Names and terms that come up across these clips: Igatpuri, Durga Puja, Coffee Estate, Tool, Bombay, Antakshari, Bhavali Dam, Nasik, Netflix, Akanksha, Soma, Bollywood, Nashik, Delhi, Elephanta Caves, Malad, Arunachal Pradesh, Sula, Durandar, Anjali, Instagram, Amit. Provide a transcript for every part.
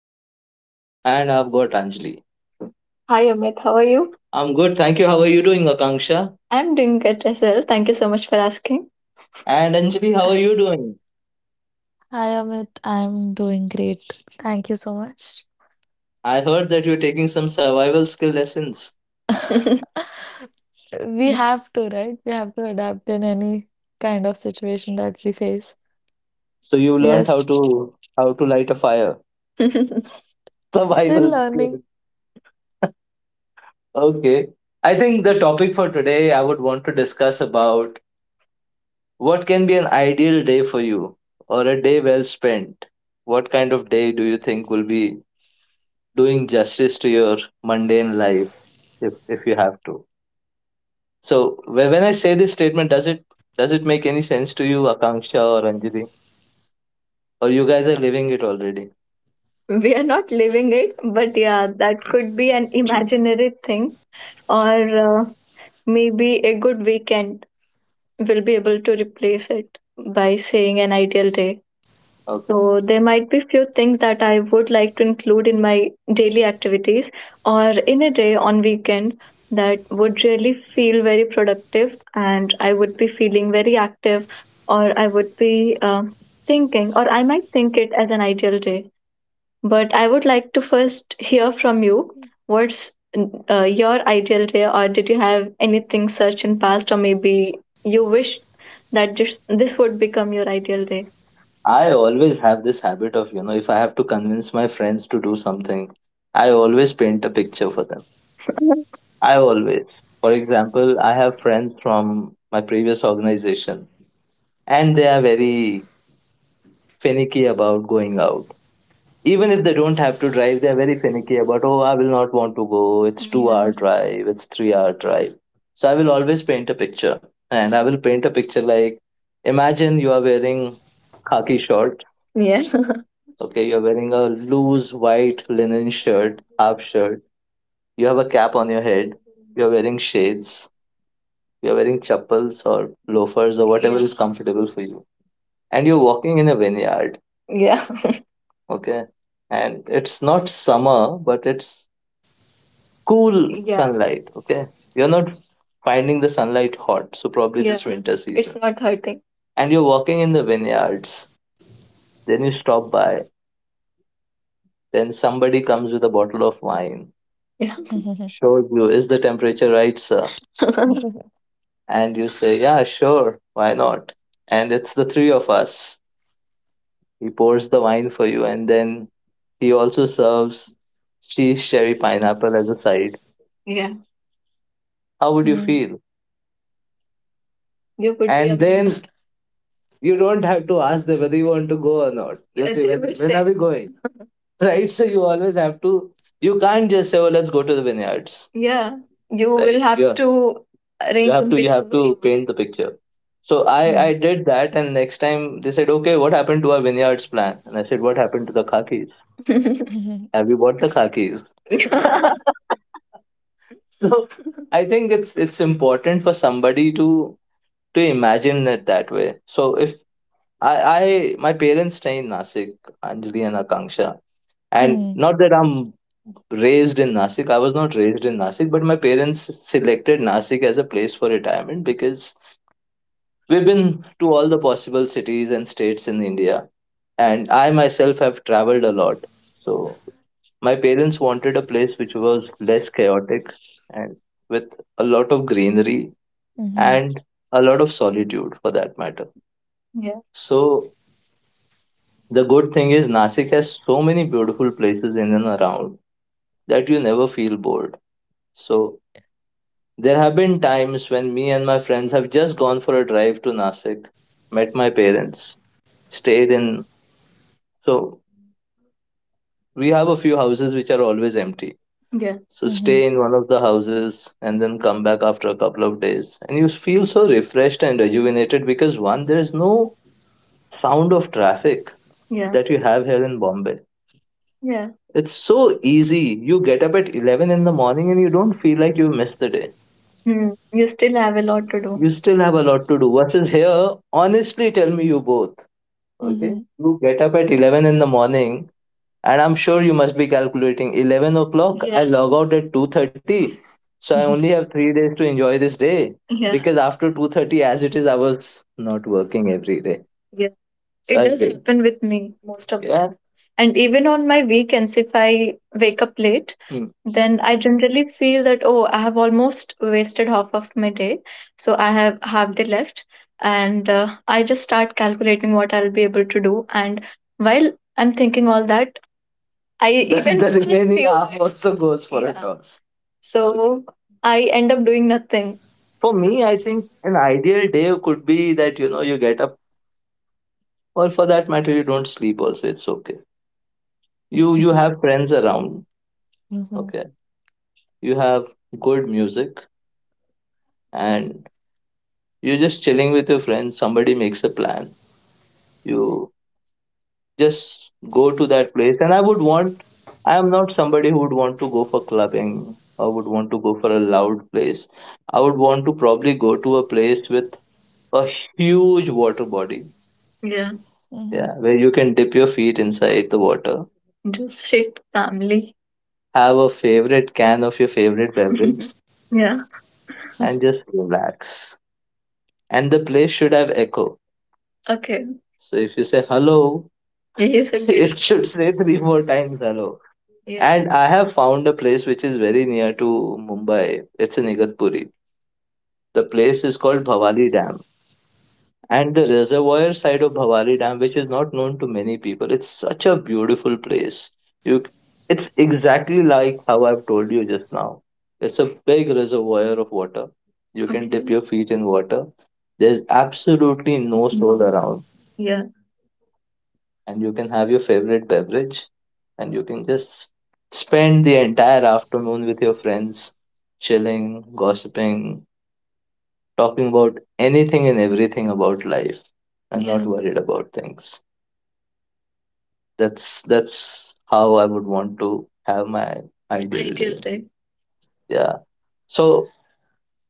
Akanksha and I've got Anjali. Hi Amit, how are you? I'm good, thank you. How are you doing, Akanksha? I'm doing good as well. Thank you so much for asking. And Anjali, how are you doing? Hi Amit, I'm doing great. Thank you so much. I heard that you're taking some survival skill lessons. We have to, right? We have to adapt in any kind of situation that we face. So you We are learned how to how to light a fire. still Survival learning. skill. Okay. I think the topic for today I would want to discuss about, what can be an ideal day for you or a day well spent? What kind of day do you think will be doing justice to your mundane life if you have to? So when I say this statement, does it make any sense to you, Akanksha or Anjali? Or you guys are living it already? We are not living it, but yeah, that could be an imaginary thing, or maybe a good weekend will be able to replace it by saying an ideal day. Okay. So there might be few things that I would like to include in my daily activities or in a day on weekend that would really feel very productive and I would be feeling very active or I would be thinking, or I might think it as an ideal day. But I would like to first hear from you. What's your ideal day, or did you have anything such in past, or maybe you wish that this would become your ideal day? I always have this habit of, you know, if I have to convince my friends to do something, I always paint a picture for them. I always. For example, I have friends from my previous organization and they are very finicky about going out. Even if they don't have to drive, they are very finicky about, oh, I will not want to go. It's two yeah hour yeah drive. It's 3 hour drive. So I will always paint a picture and I will paint a picture like, imagine you are wearing khaki shorts, yeah. Okay, you're wearing a loose white linen shirt, half shirt. You have a cap on your head. You're wearing shades. You're wearing chappals or loafers or whatever is comfortable for you. And you're walking in a vineyard. Yeah. Okay. And it's not summer, but it's cool yeah sunlight. Okay. You're not finding the sunlight hot. So probably yeah this winter it's season. Not hurting. And you're walking in the vineyards. Then you stop by. Then somebody comes with a bottle of wine, yeah, shows you, is the temperature right, sir? And you say, yeah, sure, why not? And it's the three of us. He pours the wine for you, and then he also serves cheese cherry pineapple as a side. Yeah. How would you feel? You could be, and then, amazed. You don't have to ask them whether you want to go or not. Just yeah say, when are we going? Right? So you always have to, you can't just say, oh, let's go to the vineyards. Yeah, you right? Will right? Have yeah to arrange. You have to paint the picture. So I did that. And next time they said, okay, what happened to our vineyards plan? And I said, what happened to the khakis? Mhm, mhm, Have you bought the khakis? So I think it's important for somebody to imagine it that way. So if, I my parents stay in Nasik, Anjali and Akanksha. And not that I'm raised in Nasik. I was not raised in Nasik, but my parents selected Nasik as a place for retirement because we've been to all the possible cities and states in India. And I myself have traveled a lot. So my parents wanted a place which was less chaotic and with a lot of greenery mhm, mhm, and a lot of solitude for that matter. Yeah. So the good thing is Nasik has so many beautiful places in and around that you never feel bored. So there have been times when me and my friends have just gone for a drive to Nasik, met my parents, stayed in, so we have a few houses which are always empty. Yeah. So mhm, stay in one of the houses and then come back after a couple of days. And you feel so refreshed and rejuvenated because one, there is no sound of traffic yeah that you have here in Bombay. Yeah. It's so easy. You get up at 11 in the morning and you don't feel like you missed the day. Hmm. You still have a lot to do. You still have a lot to do. Versus here, honestly, tell me you both. mhm, Okay. mhm, You get up at 11 in the morning and I'm sure you must be calculating 11 o'clock. I yeah log out at 2:30. So I only have 3 days to enjoy this day yeah because after 2:30, as it is, I was not working every day. So it I does did happen with me most of the yeah time. And even on my weekends, if I wake up late, mm, then I generally feel that, oh, I have almost wasted half of my day. So I have half day left. And I just start calculating what I'll be able to do. And while I'm thinking all that, I the, even the spend remaining few half minutes also goes for a yeah toss. Okay. So I end up doing nothing. For me, I think an ideal day could be that, you know, you get up, or for that matter you don't sleep also, it's okay, you have friends around, mhm, mhm, okay, you have good music, and you're just chilling with your friends, somebody makes a plan, you just go to that place. And I would want, I am not somebody who would want to go for clubbing or would want to go for a loud place. I would want to probably go to a place with a huge water body. Yeah. mhm. Yeah, where you can dip your feet inside the water. Just sit calmly. Have a favorite can of your favorite beverage. Yeah. And just relax. And the place should have echo. Okay. So if you say hello, yes, indeed, it should say three more times hello. Yeah. And I have found a place which is very near to Mumbai. It's in Igatpuri. The place is called Bhavali Dam. And the reservoir side of Bhavali Dam, which is not known to many people, it's such a beautiful place. You, it's exactly like how I've told you just now. It's a big reservoir of water. You can dip okay your feet in water. There's absolutely no mm soul around, yeah, and you can have your favorite beverage, and you can just spend the entire afternoon with your friends, chilling, gossiping, talking about anything and everything about life and not yeah worried about things. That's how I would want to have my ideal ideal day. Day. Yeah. So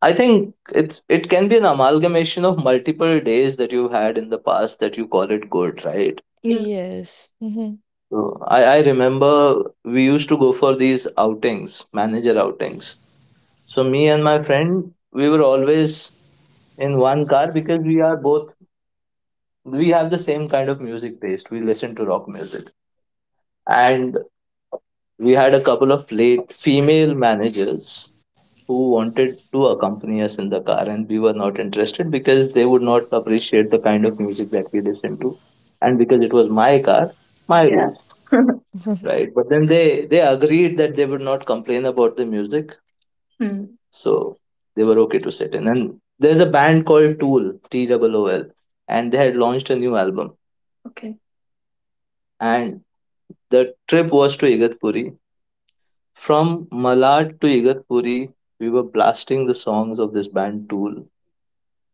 I think it's, it can be an amalgamation of multiple days that you've had in the past that you call it good, right? Yeah. Yes. Mhm, So I remember we used to go for these outings, manager outings. So me and my friend, we were always in one car because we are both, we have the same kind of music taste. We listen to rock music. And we had a couple of late female managers who wanted to accompany us in the car, and we were not interested because they would not appreciate the kind of music that we listen to. And because it was my car, my yeah rules, right? But then they agreed that they would not complain about the music. Hmm. So they were okay to sit in. And there's a band called Tool, T O O L, and they had launched a new album. Okay. And the trip was to Igatpuri. From Malad to Igatpuri, we were blasting the songs of this band Tool.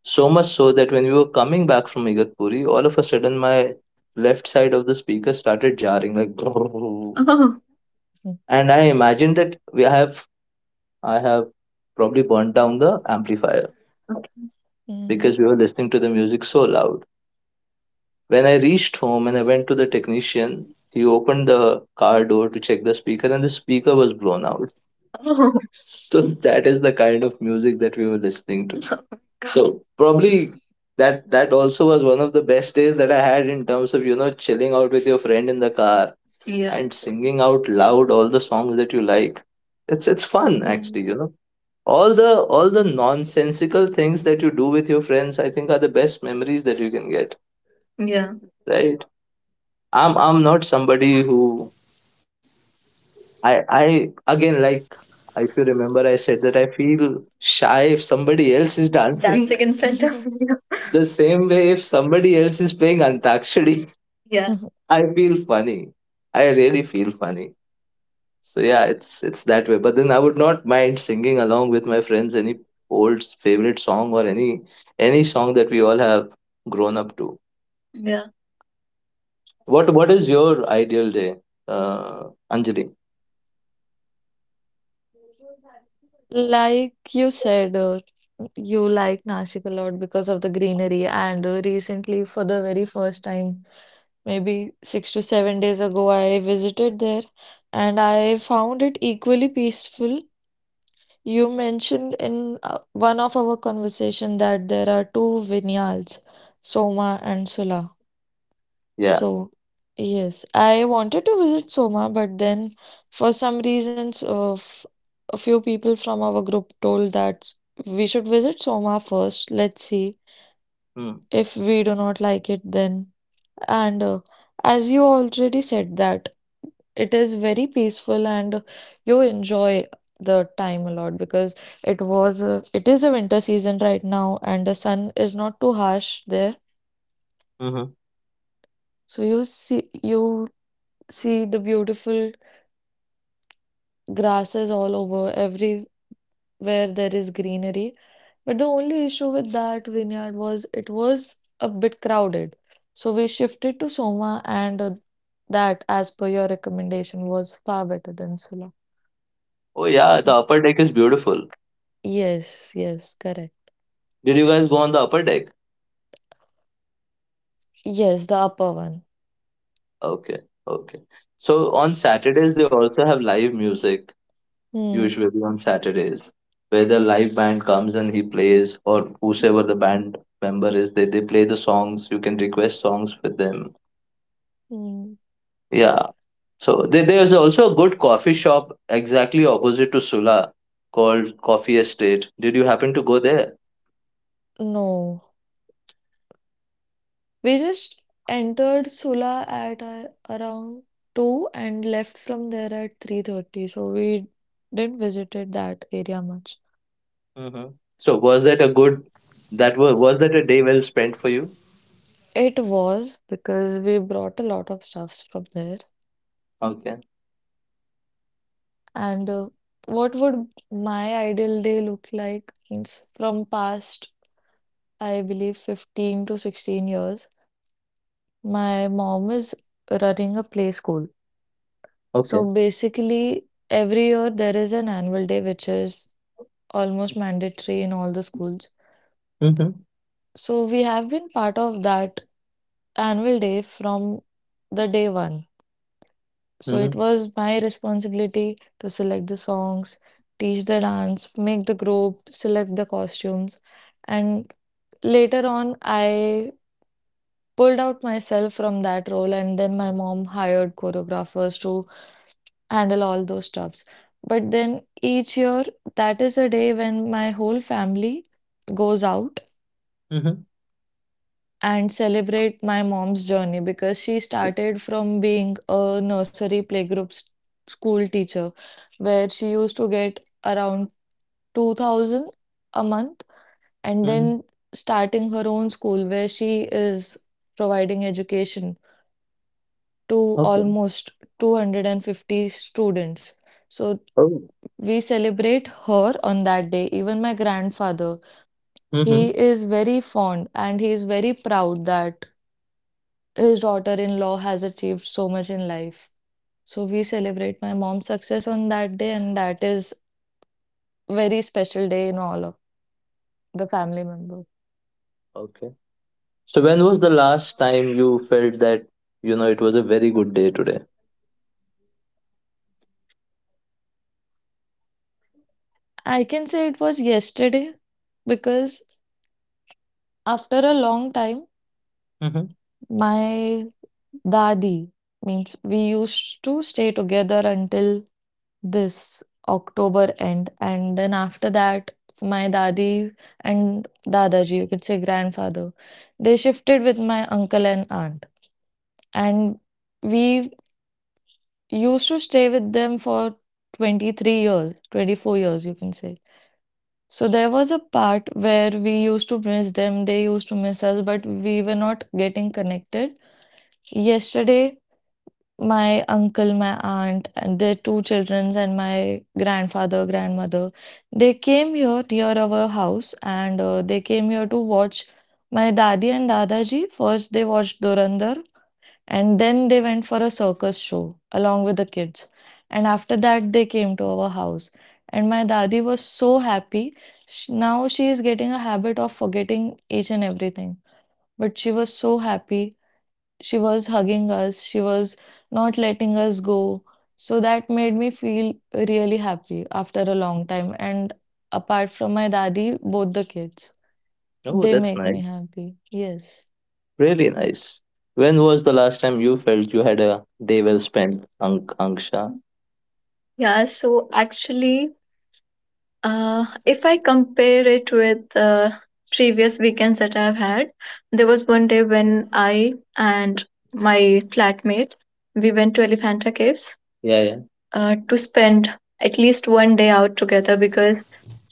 So much so that when we were coming back from Igatpuri, all of a sudden my left side of the speaker started jarring like oh, and I imagined that we have, I have probably burnt down the amplifier, okay, mhm, because we were listening to the music so loud. When I reached home and I went to the technician, he opened the car door to check the speaker, and the speaker was blown out. So that is the kind of music that we were listening to. So probably that that also was one of the best days that I had in terms of, you know, chilling out with your friend in the car yeah and singing out loud all the songs that you like. It's fun mhm. actually, you know. All the nonsensical things that you do with your friends, I think, are the best memories that you can get, yeah, right? I'm not somebody who I again, like, if you remember I said that I feel shy if somebody else is dancing. Dancing in front of me. The same way if somebody else is playing Antakshari, yeah. I feel funny. I really feel funny. So yeah, it's that way. But then I would not mind singing along with my friends any old favorite song or any song that we all have grown up to. Yeah. What is your ideal day, uh, Anjali? Like you said, you like Nashik a lot because of the greenery. And recently, for the very first time, maybe 6 to 7 days ago, I visited there and I found it equally peaceful. You mentioned in one of our conversation that there are two vineyards, Soma and Sula. Yeah. So, yes, I wanted to visit Soma, but then for some reasons, a few people from our group told that we should visit Soma first. Let's see. Hmm. Mm. If we do not like it, then. And as you already said, that it is very peaceful and you enjoy the time a lot because it is a winter season right now and the sun is not too harsh there. Mhm. So you see the beautiful grasses all over, everywhere there is greenery. But the only issue with that vineyard was it was a bit crowded. So we shifted to Soma, and that, as per your recommendation, was far better than Sula. Oh yeah, the So, upper deck is beautiful. yes, yes, correct. Did you guys go on the upper deck? Yes, the upper one. Okay, okay. So on Saturdays they also have live music, Hmm. usually on Saturdays, where the live band comes and he plays, or whosoever Hmm. the band member is, they play the songs. You can request songs with them. Hmm. Yeah. So there's also a good coffee shop exactly opposite to Sula called Coffee Estate. Did you happen to go there? No, we just entered Sula at around 2 and left from there at 3:30. So we didn't visited that area much. Hmm. So was that a good that was that a day well spent for you? It was because we brought a lot of stuffs from there. Okay. And what would my ideal day look like? Means from past, I believe, 15 to 16 years, my mom is running a play school. So Okay. basically, every year there is an annual day, which is almost mandatory in all the schools. Mm-hmm. So we have been part of that annual day from the day one. So Mm-hmm. it was my responsibility to select the songs, teach the dance, make the group, select the costumes. And later on, I pulled out myself from that role, and then my mom hired choreographers to handle all those stuffs. But then each year, that is a day when my whole family goes out Mm-hmm. and celebrate my mom's journey, because she started from being a nursery playgroup school teacher where she used to get around 2000 a month, and Mm-hmm. then starting her own school where she is providing education to Okay. almost 250 students. So Oh. we celebrate her on that day. Even my grandfather, Mm-hmm. he is very fond and he is very proud that his daughter-in-law has achieved so much in life. So we celebrate my mom's success on that day, and that is very special day in all of the family members. Okay. So when was the last time you felt that, you know, it was a very good day today? I can say it was yesterday because after a long time, Mm-hmm. my dadi, means we used to stay together until this October end. And then after that, my dadi and dadaji, you could say grandfather, they shifted with my uncle and aunt. And we used to stay with them for 23 years, 24 years, you can say. So there was a part where we used to miss them, they used to miss us, but we were not getting connected. Yesterday, my uncle, my aunt, and their two children, and my grandfather, grandmother, they came here near our house, and they came here to watch my daddy and dadaji. First, they watched Durandar and then they went for a circus show along with the kids. And after that, they came to our house. And my daddy was so happy. Now she is getting a habit of forgetting each and everything. But she was so happy, she was hugging us, she was not letting us go. So that made me feel really happy after a long time. And apart from my dadi, both the kids, Oh, they that's make nice. me happy. Yes. Really nice. When was the last time you felt you had a day well spent, Anksha? Yeah, so actually if I compare it with previous weekends that I've had, there was one day when I and my flatmate we went to Elephanta Caves. Yeah, yeah. To spend at least one day out together, because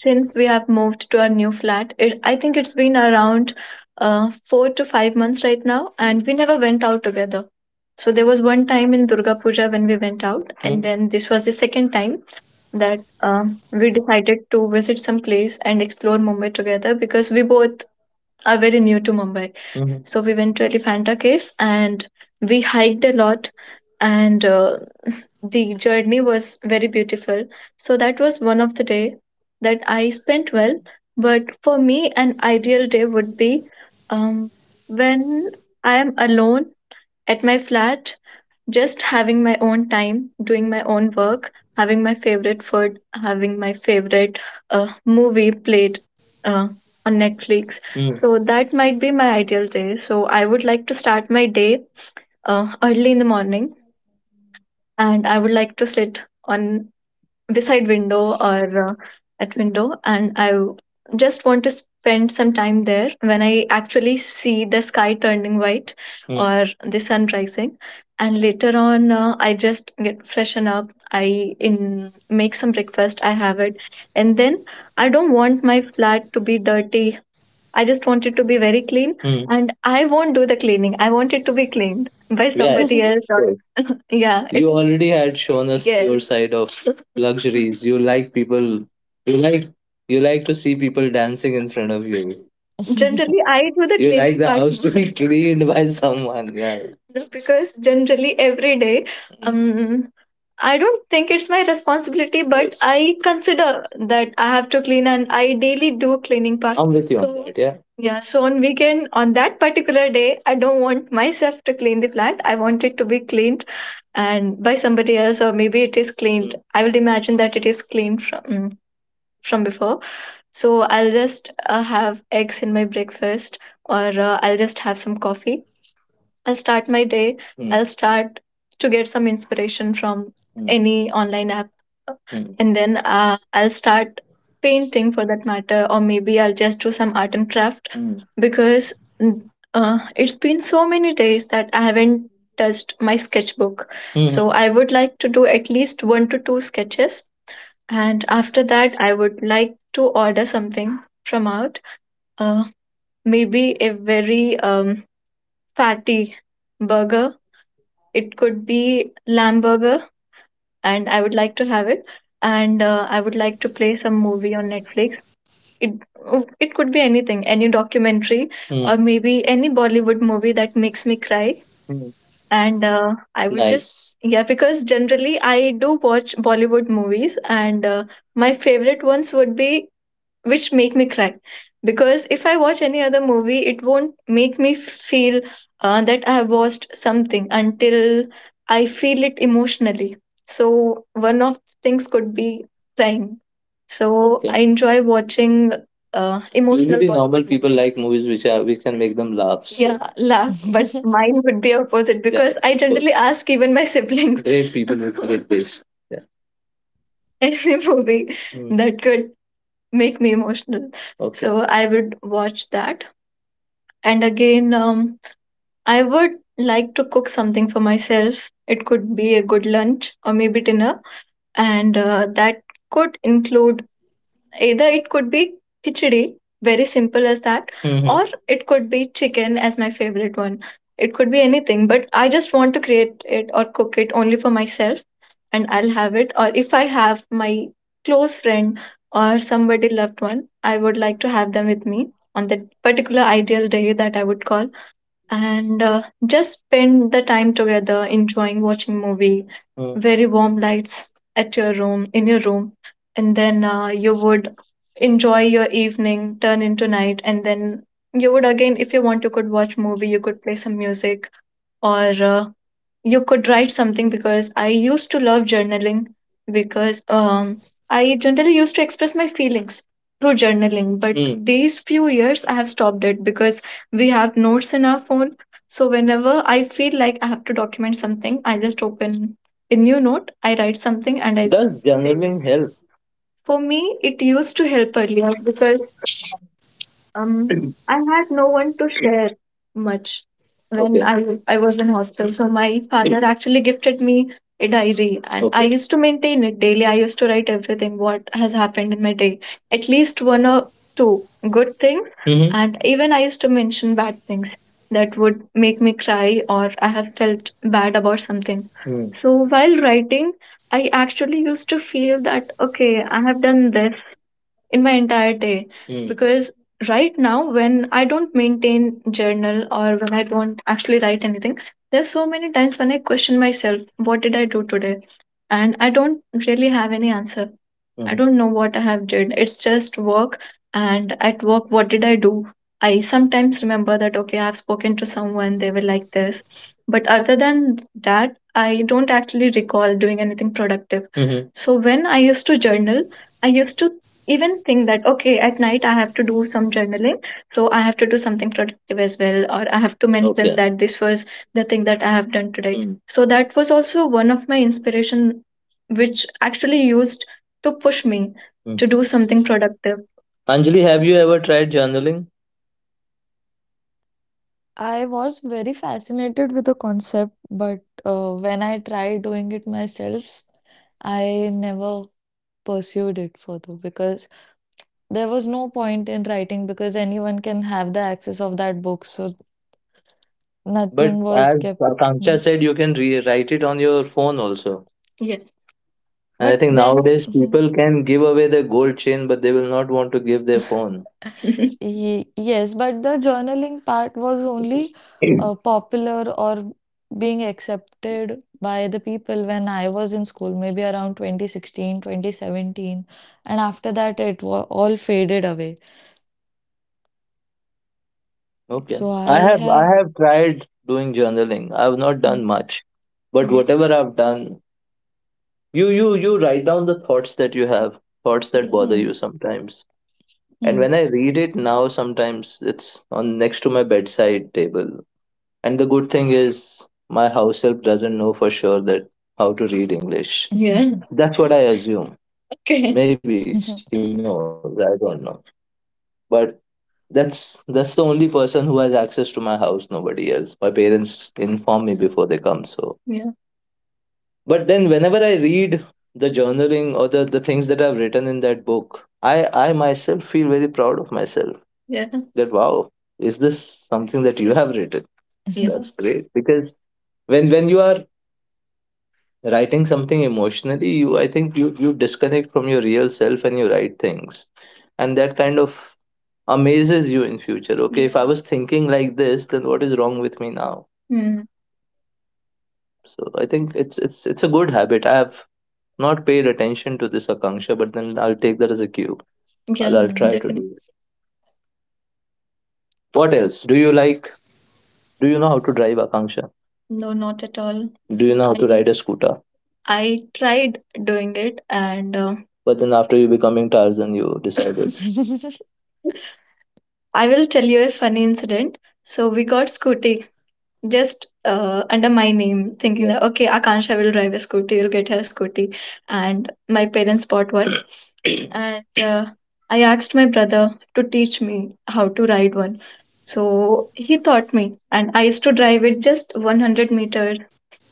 since we have moved to our new flat, it, I think it's been around 4 to 5 months right now, and we never went out together. So there was one time in Durga Puja when we went out, hmm? And then this was the second time that we decided to visit some place and explore Mumbai together because we both are very new to Mumbai. Hmm. So we went to Elephanta Caves and we hiked a lot, and the journey was very beautiful. So that was one of the day that I spent well. But for me, an ideal day would be, um, when I am alone at my flat, just having my own time, doing my own work, having my favorite food, having my favorite movie played uh, on Netflix. Mm. So that might be my ideal day. So I would like to start my day early in the morning, and I would like to sit on beside window or that window, and just want to spend some time there when I actually see the sky turning white. Hmm. Or the sun rising. And later on, I just get freshen up. I in make some breakfast. I have it, and then I don't want my flat to be dirty. I just want it to be very clean. Hmm. And I won't do the cleaning. I want it to be cleaned by, yeah, somebody, yeah, else. Or, yeah, it, you already had shown us, yes, your side of luxuries. You like people. You like, you like to see people dancing in front of you. Generally, I do the, you cleaning like the part house to be cleaned by someone. Yeah. No, because generally every day, mm, I don't think it's my responsibility, but I consider that I have to clean and I daily do cleaning part. I'm with you on so that. Yeah. Yeah, so on weekend on that particular day, I don't want myself to clean the flat. I want it to be cleaned and by somebody else or maybe it is cleaned. Mm. I will imagine that it is cleaned from from before. So I'll just have eggs in my breakfast or I'll just have some coffee. I'll start my day. I'll start to get some inspiration from, any online app. And then I'll start painting for that matter, or maybe I'll just do some art and craft, because, mm, it's been so many days that I haven't touched my sketchbook. So I would like to do at least one to two sketches. And after that, I would like to order something from out. Uh, Maybe a very fatty burger, it could be lamb burger, and I would like to have it. And I would like to play some movie on Netflix. It, oh, it could be anything, any documentary, hmm, or maybe any Bollywood movie that makes me cry. Hmm. And I would just, nice, yeah, because generally I do watch Bollywood movies, and my favorite ones would be which make me cry because if I watch any other movie it won't make me feel that I have watched something until I feel it emotionally. So one of things could be crying. So, okay, I enjoy watching emotional. Usually, normal people like movies which are which can make them laughs, yeah, laugh, but mine would be opposite. Yeah, because I of generally ask even my siblings, great people with great taste. Yeah. Any movie, mm, that could make me emotional. Okay. So I would watch that. And again, I would like to cook something for myself. It could be a good lunch or maybe dinner. And that could include, either it could be khichdi, very simple as that, hmm, or it could be chicken as my favorite one. It could be anything, but I just want to create it or cook it only for myself and I'll have it. Or if I have my close friend or somebody loved one, I would like to have them with me on that particular ideal day that I would call and just spend the time together enjoying watching movie. Mm. Very warm lights at your room in your room, and then you would enjoy your evening turn into night, and then you would again if you want you could watch movie, you could play some music or you could write something, because I used to love journaling, because I generally used to express my feelings through journaling. But, mm, these few years, I have stopped it because we have notes in our phone. So whenever I feel like I have to document something, I just open a new note, I write something, and I, does journaling help? For me, it used to help earlier because I had no one to share much when, okay, I was in hostel. So my father actually gifted me a diary, and I, okay, used to maintain it daily. I used to write everything what has happened in my day, at least one or two good things, hmm, and even I used to mention bad things that would make me cry or I have felt bad about something. Mm. So while writing, I actually used to feel that okay, I have done this in my entire day, hmm, because right now when I don't maintain journal or when I don't actually write anything, there's so many times when I question myself what did I do today, and I don't really have any answer. Mm. I, hmm, don't know what I have did. It's just work and at work what did I do? I sometimes remember that okay, I've spoken to someone, they were like this. But other than that, I don't actually recall doing anything productive. Mhm. So when I used to journal, I used to even think that okay at night I have to do some journaling, so I have to do something productive as well or I have to mention, okay, that this was the thing that I have done today. Mm. So that was also one of my inspiration which actually used to push me, mm, to do something productive. Anjali, have you ever tried journaling? I was very fascinated with the concept, but when I tried doing it myself, I never pursued it further because there was no point in writing, because anyone can have the access of that book. So But nothing was as kept. Akanksha Mhm. said, you can write it on your phone also. Yes. And I But think then, nowadays mhm. people can give away their gold chain, but they will not want to give their phone. Yes, but the journaling part was only popular or being accepted by the people when I was in school, maybe around 2016, 2017. And after that, it wa all faded away. Okay. So I I have I have. have tried doing journaling. I've not Mm, done much, but mm, whatever I've done, you write down the thoughts that you have, thoughts that, yeah, bother mm, you sometimes. And mm. when I read it now, sometimes it's on next to my bedside table. And the good thing is my house help doesn't know for sure that how to read English. Yeah. That's what I assume. Okay. Maybe she knows, I don't know. But that's the only person who has access to my house. Nobody else. My parents inform me before they come. So, yeah, But then whenever I read the journaling or the things that I've written in that book, I myself feel very proud of myself. Yeah. That wow, is this something that you have written? Yeah, that's great. Because when you are writing something emotionally, you I think you you disconnect from your real self and you write things, and that kind of amazes you in future. Okay, if I was thinking like this, then what is wrong with me now? Hmm. So I think it's it's a good habit. I have not paid attention to this, Akanksha, but then I'll take that as a cue. Yeah, I'll try to Mm. definitely do it. What else do you like? Do you know how to drive, Akanksha? No, not at all. Do you know how I to ride a scooter? I tried doing it, and but then after you becoming Tarzan, you decided. I will tell you a funny incident. So we got Scooty just under my name, thinking, yeah, that okay, Akansha will drive a Scooty, will get her a Scooty. And my parents bought one. And uh, I asked my brother to teach me how to ride one. So he taught me, and I used to drive it just 100 meters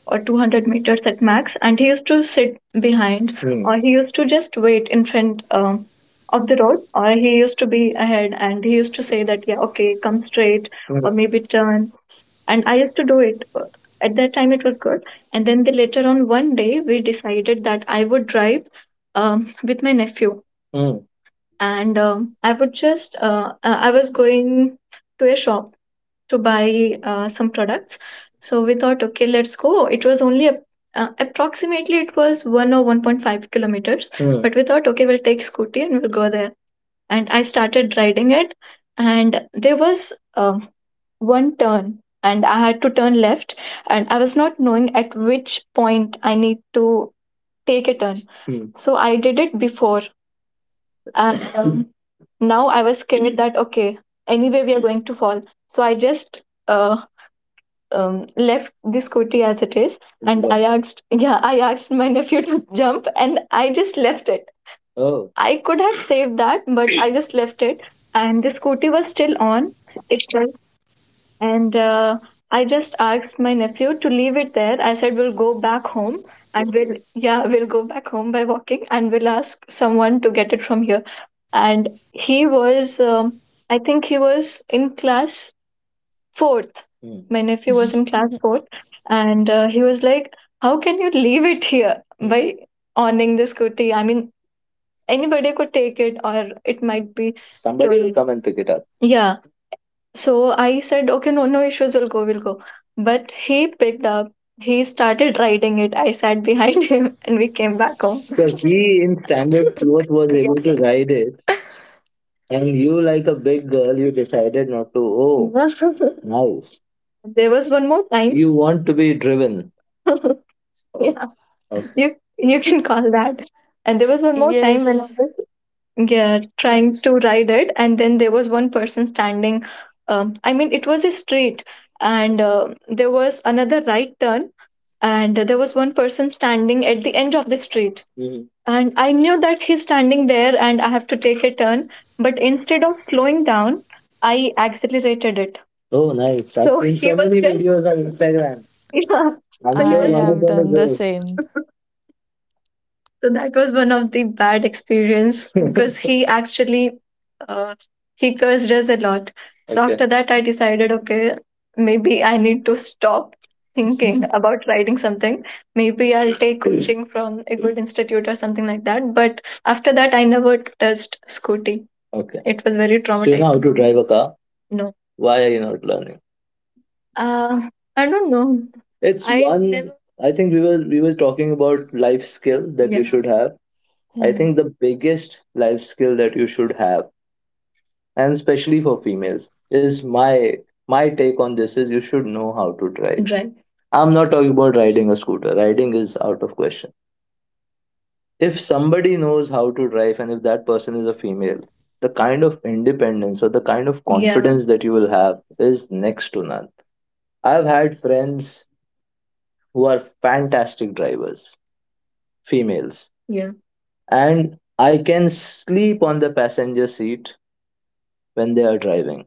or 200 meters at max. And he used to sit behind, hmm, or he used to just wait in front of the road, or he used to be ahead, and he used to say that yeah, okay, come straight, hmm, or maybe turn. And I used to do it, at that time it was good. And then later on one day we decided that I would drive with my nephew. Mm. And I would just I was going to a shop to buy some products. So we thought, okay, let's go, it was only approximately it was 1 or 1.5 kilometers. Mm. But we thought okay, we'll take Scooty and we'll go there. And I started riding it. And there was one turn, and I had to turn left, and I was not knowing at which point I need to take a turn. Hmm. So I did it before, and now I was scared that okay, anyway we are going to fall. So I just uh, left the Scooty as it is, and I asked, yeah, I asked my nephew to jump, and I just left it. Oh, I could have saved that, but I just left it. And the Scooty was still on itself. And I just asked my nephew to leave it there. I said we'll go back home, and we'll, yeah, we'll go back home by walking, and we'll ask someone to get it from here. And he was, I think he was in class fourth. Hmm. My nephew was in class fourth, and he was like, "How can you leave it here, hmm, by owning the Scooty? I mean, anybody could take it, or it might be somebody will stolen." Come and pick it up. Yeah. So I said, okay, no, no issues, we'll go, we'll go. But he picked up, he started riding it. I sat behind him, and we came back home. So he in standard fourth was yeah, able to ride it. And you, like a big girl, you decided not to. Oh, nice. There was one more time. You want to be driven. Oh, yeah, okay, you can call that. And there was one more time when I Yes, was, yeah, trying to ride it, and then there was one person standing. I mean, it was a street, and there was another right turn, and there was one person standing at the end of the street. Mhm. And I knew that he's standing there and I have to take a turn, but instead of slowing down, I accelerated it. Oh, nice. I've so seen so he so was many just videos on Instagram. Yeah, so I'm So he sure I was one of have them is done the yours. same. So that was one of the bad experience because he actually uh, he cursed us a lot. So, okay, after that, I decided, okay, maybe I need to stop thinking about writing something. Maybe I'll take coaching from a good institute or something like that. But after that, I never touched Scooty. Okay, it was very traumatic. Do you know traumatic. How to drive a car? No. Why are you not learning? uh, I don't know. It's I one. Never. I think we were talking about life skill that yeah, you Yeah. should have. I think Hmm. the biggest life skill that you should have, and especially for females, is my take on this is you should know how to drive. Right. I'm not talking about riding a scooter. Riding is out of question. If somebody knows how to drive and if that person is a female, the kind of independence or the kind of, yeah, confidence that you will have is next to none. I've had friends who are fantastic drivers, females. Yeah. And I can sleep on the passenger seat when they are driving.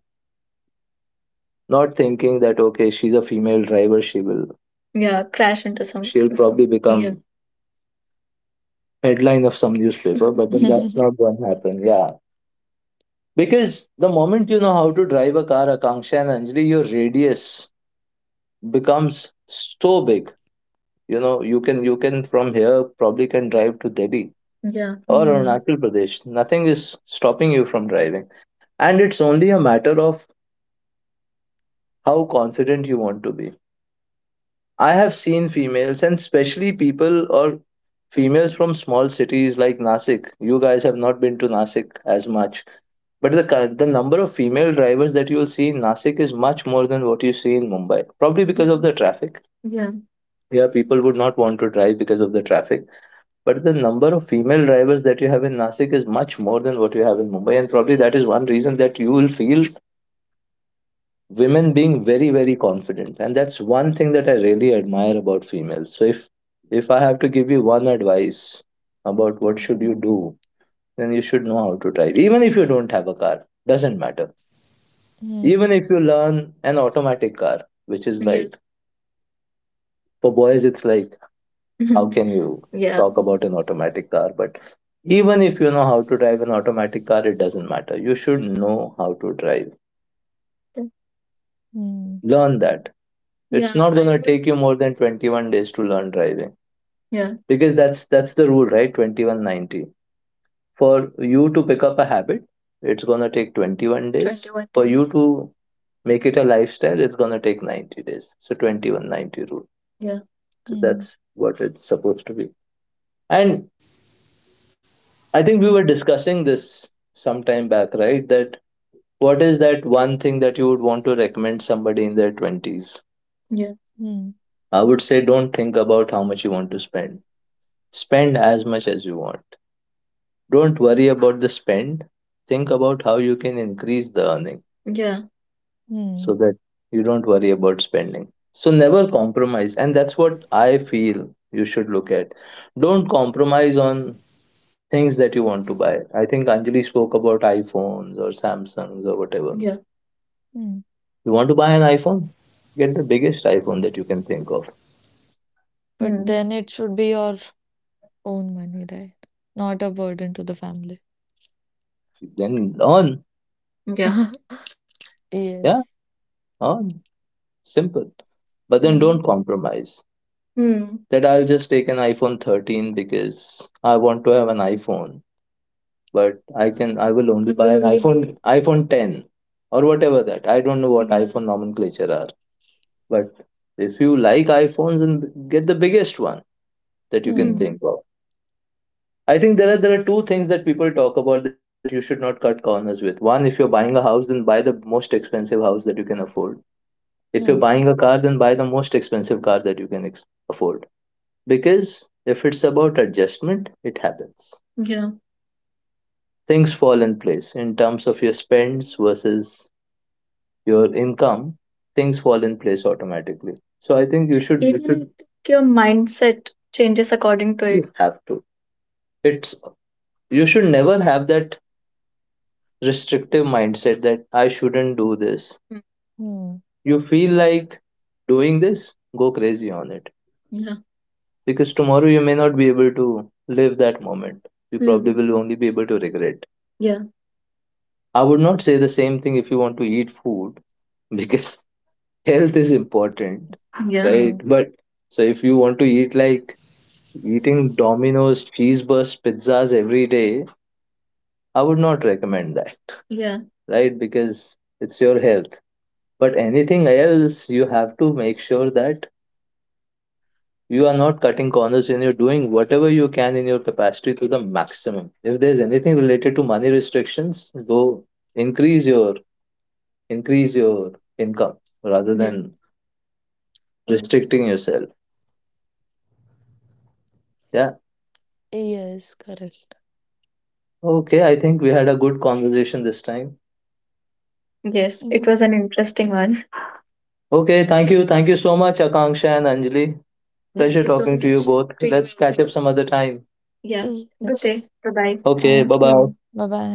Not thinking that okay, she's a female driver, she will, yeah, crash into some, she'll probably, yeah, become headline of some newspaper, but then that's not going to happen. Yeah. Because the moment you know how to drive a car, Akanksha and Anjali, your radius becomes so big. You know, you can from here probably can drive to Delhi, yeah, or Мгм. Arunachal Pradesh. Nothing is stopping you from driving. And it's only a matter of how confident you want to be. I have seen females, and especially people or females from small cities like Nasik. You guys have not been to Nasik as much, but the number of female drivers that you will see in Nasik is much more than what you see in Mumbai. Probably because of the traffic. Yeah. Yeah, people would not want to drive because of the traffic. But the number of female drivers that you have in Nasik is much more than what you have in Mumbai, and probably that is one reason that you will feel women being very confident. And that's one thing that I really admire about females. So if I have to give you one advice about what should you Mhm. do, then you should know how to drive, even if you don't have a car, doesn't matter. Even Mm. if you learn an automatic car, which is, yeah, like, for boys it's like, how can you, yeah, talk about an automatic car, but even if you know how to drive an automatic car, it doesn't matter, you should know how to drive. Mm. Learn that. Yeah, it's not I going to would take you more than 21 days to learn driving. Yeah. Because that's the rule, right? 2190. For you to pick up a habit, it's going to take 21 days, 21 for you days. To make it a lifestyle, it's going to take 90 days. So 2190 rule. Yeah. So Mm. that's what it's supposed to be. And I think we were discussing this some time back, right, that what is that one thing that you would want to recommend somebody in their 20s. Yeah. Mm. I would say don't think about how much you want to spend. Spend as much as you want. Don't worry about the spend. Think about how you can increase the earning. Yeah. So Mm. that you don't worry about spending. So never compromise. And that's what I feel you should look at. Don't compromise on things that you want to buy. I think Anjali spoke about iPhones or Samsungs or whatever. Yeah. Mm. You want to buy an iPhone? Get the biggest iPhone that you can think of. But Hmm. then it should be your own money, right? Not a burden to the family. Then on. Yeah. Yes. Yeah, on. Simple. But then Mm. don't compromise. Hmm. That I'll just take an iPhone 13 because I want to have an iPhone, but I will only buy an only iPhone iPhone 10 or whatever that. I don't know what, hmm, iPhone nomenclature are, but if you like iPhones, and get the biggest one that you Hmm. can, hmm, think of. I think there are two things that people talk about that you should not cut corners with. One, if you're buying a house, then buy the most expensive house that you can afford. If Hmm. you're buying a car, then buy the most expensive car that you can afford. Because if it's about adjustment, it happens. Yeah. Things fall in place in terms of your spends versus your income. Things fall in place automatically. So I think you should you Even should your mindset changes according to it. You have to. It's you should never have that restrictive mindset that I shouldn't do this. Mm. Hmm. You feel like doing this, go crazy on it. Because tomorrow you may not be able to live that moment. You, hmm, probably, hmm, will only be able to regret. Yeah. I would not say the same thing if you want to eat food because health is important, yeah, Hmm. right? But so if you want to eat like eating Domino's, cheese burst, pizzas every day, I would not recommend that. Yeah. Right? Because it's your health. But anything else, you have to make sure that you are not cutting corners and you're doing whatever you can in your capacity to the maximum. If there's anything related to money restrictions, go increase your increase your income rather than restricting yourself. Yeah. Yes, correct. Okay, I think we had a good conversation this time. Yes, Mhm. it was an interesting one. Okay, thank you. Thank you so much, Akanksha and Anjali. Thank Pleasure you so talking to you much both to you Let's as catch well up some other time. Yeah. Good Yes. day. Bye bye. Okay, Thank bye you. bye. Bye bye.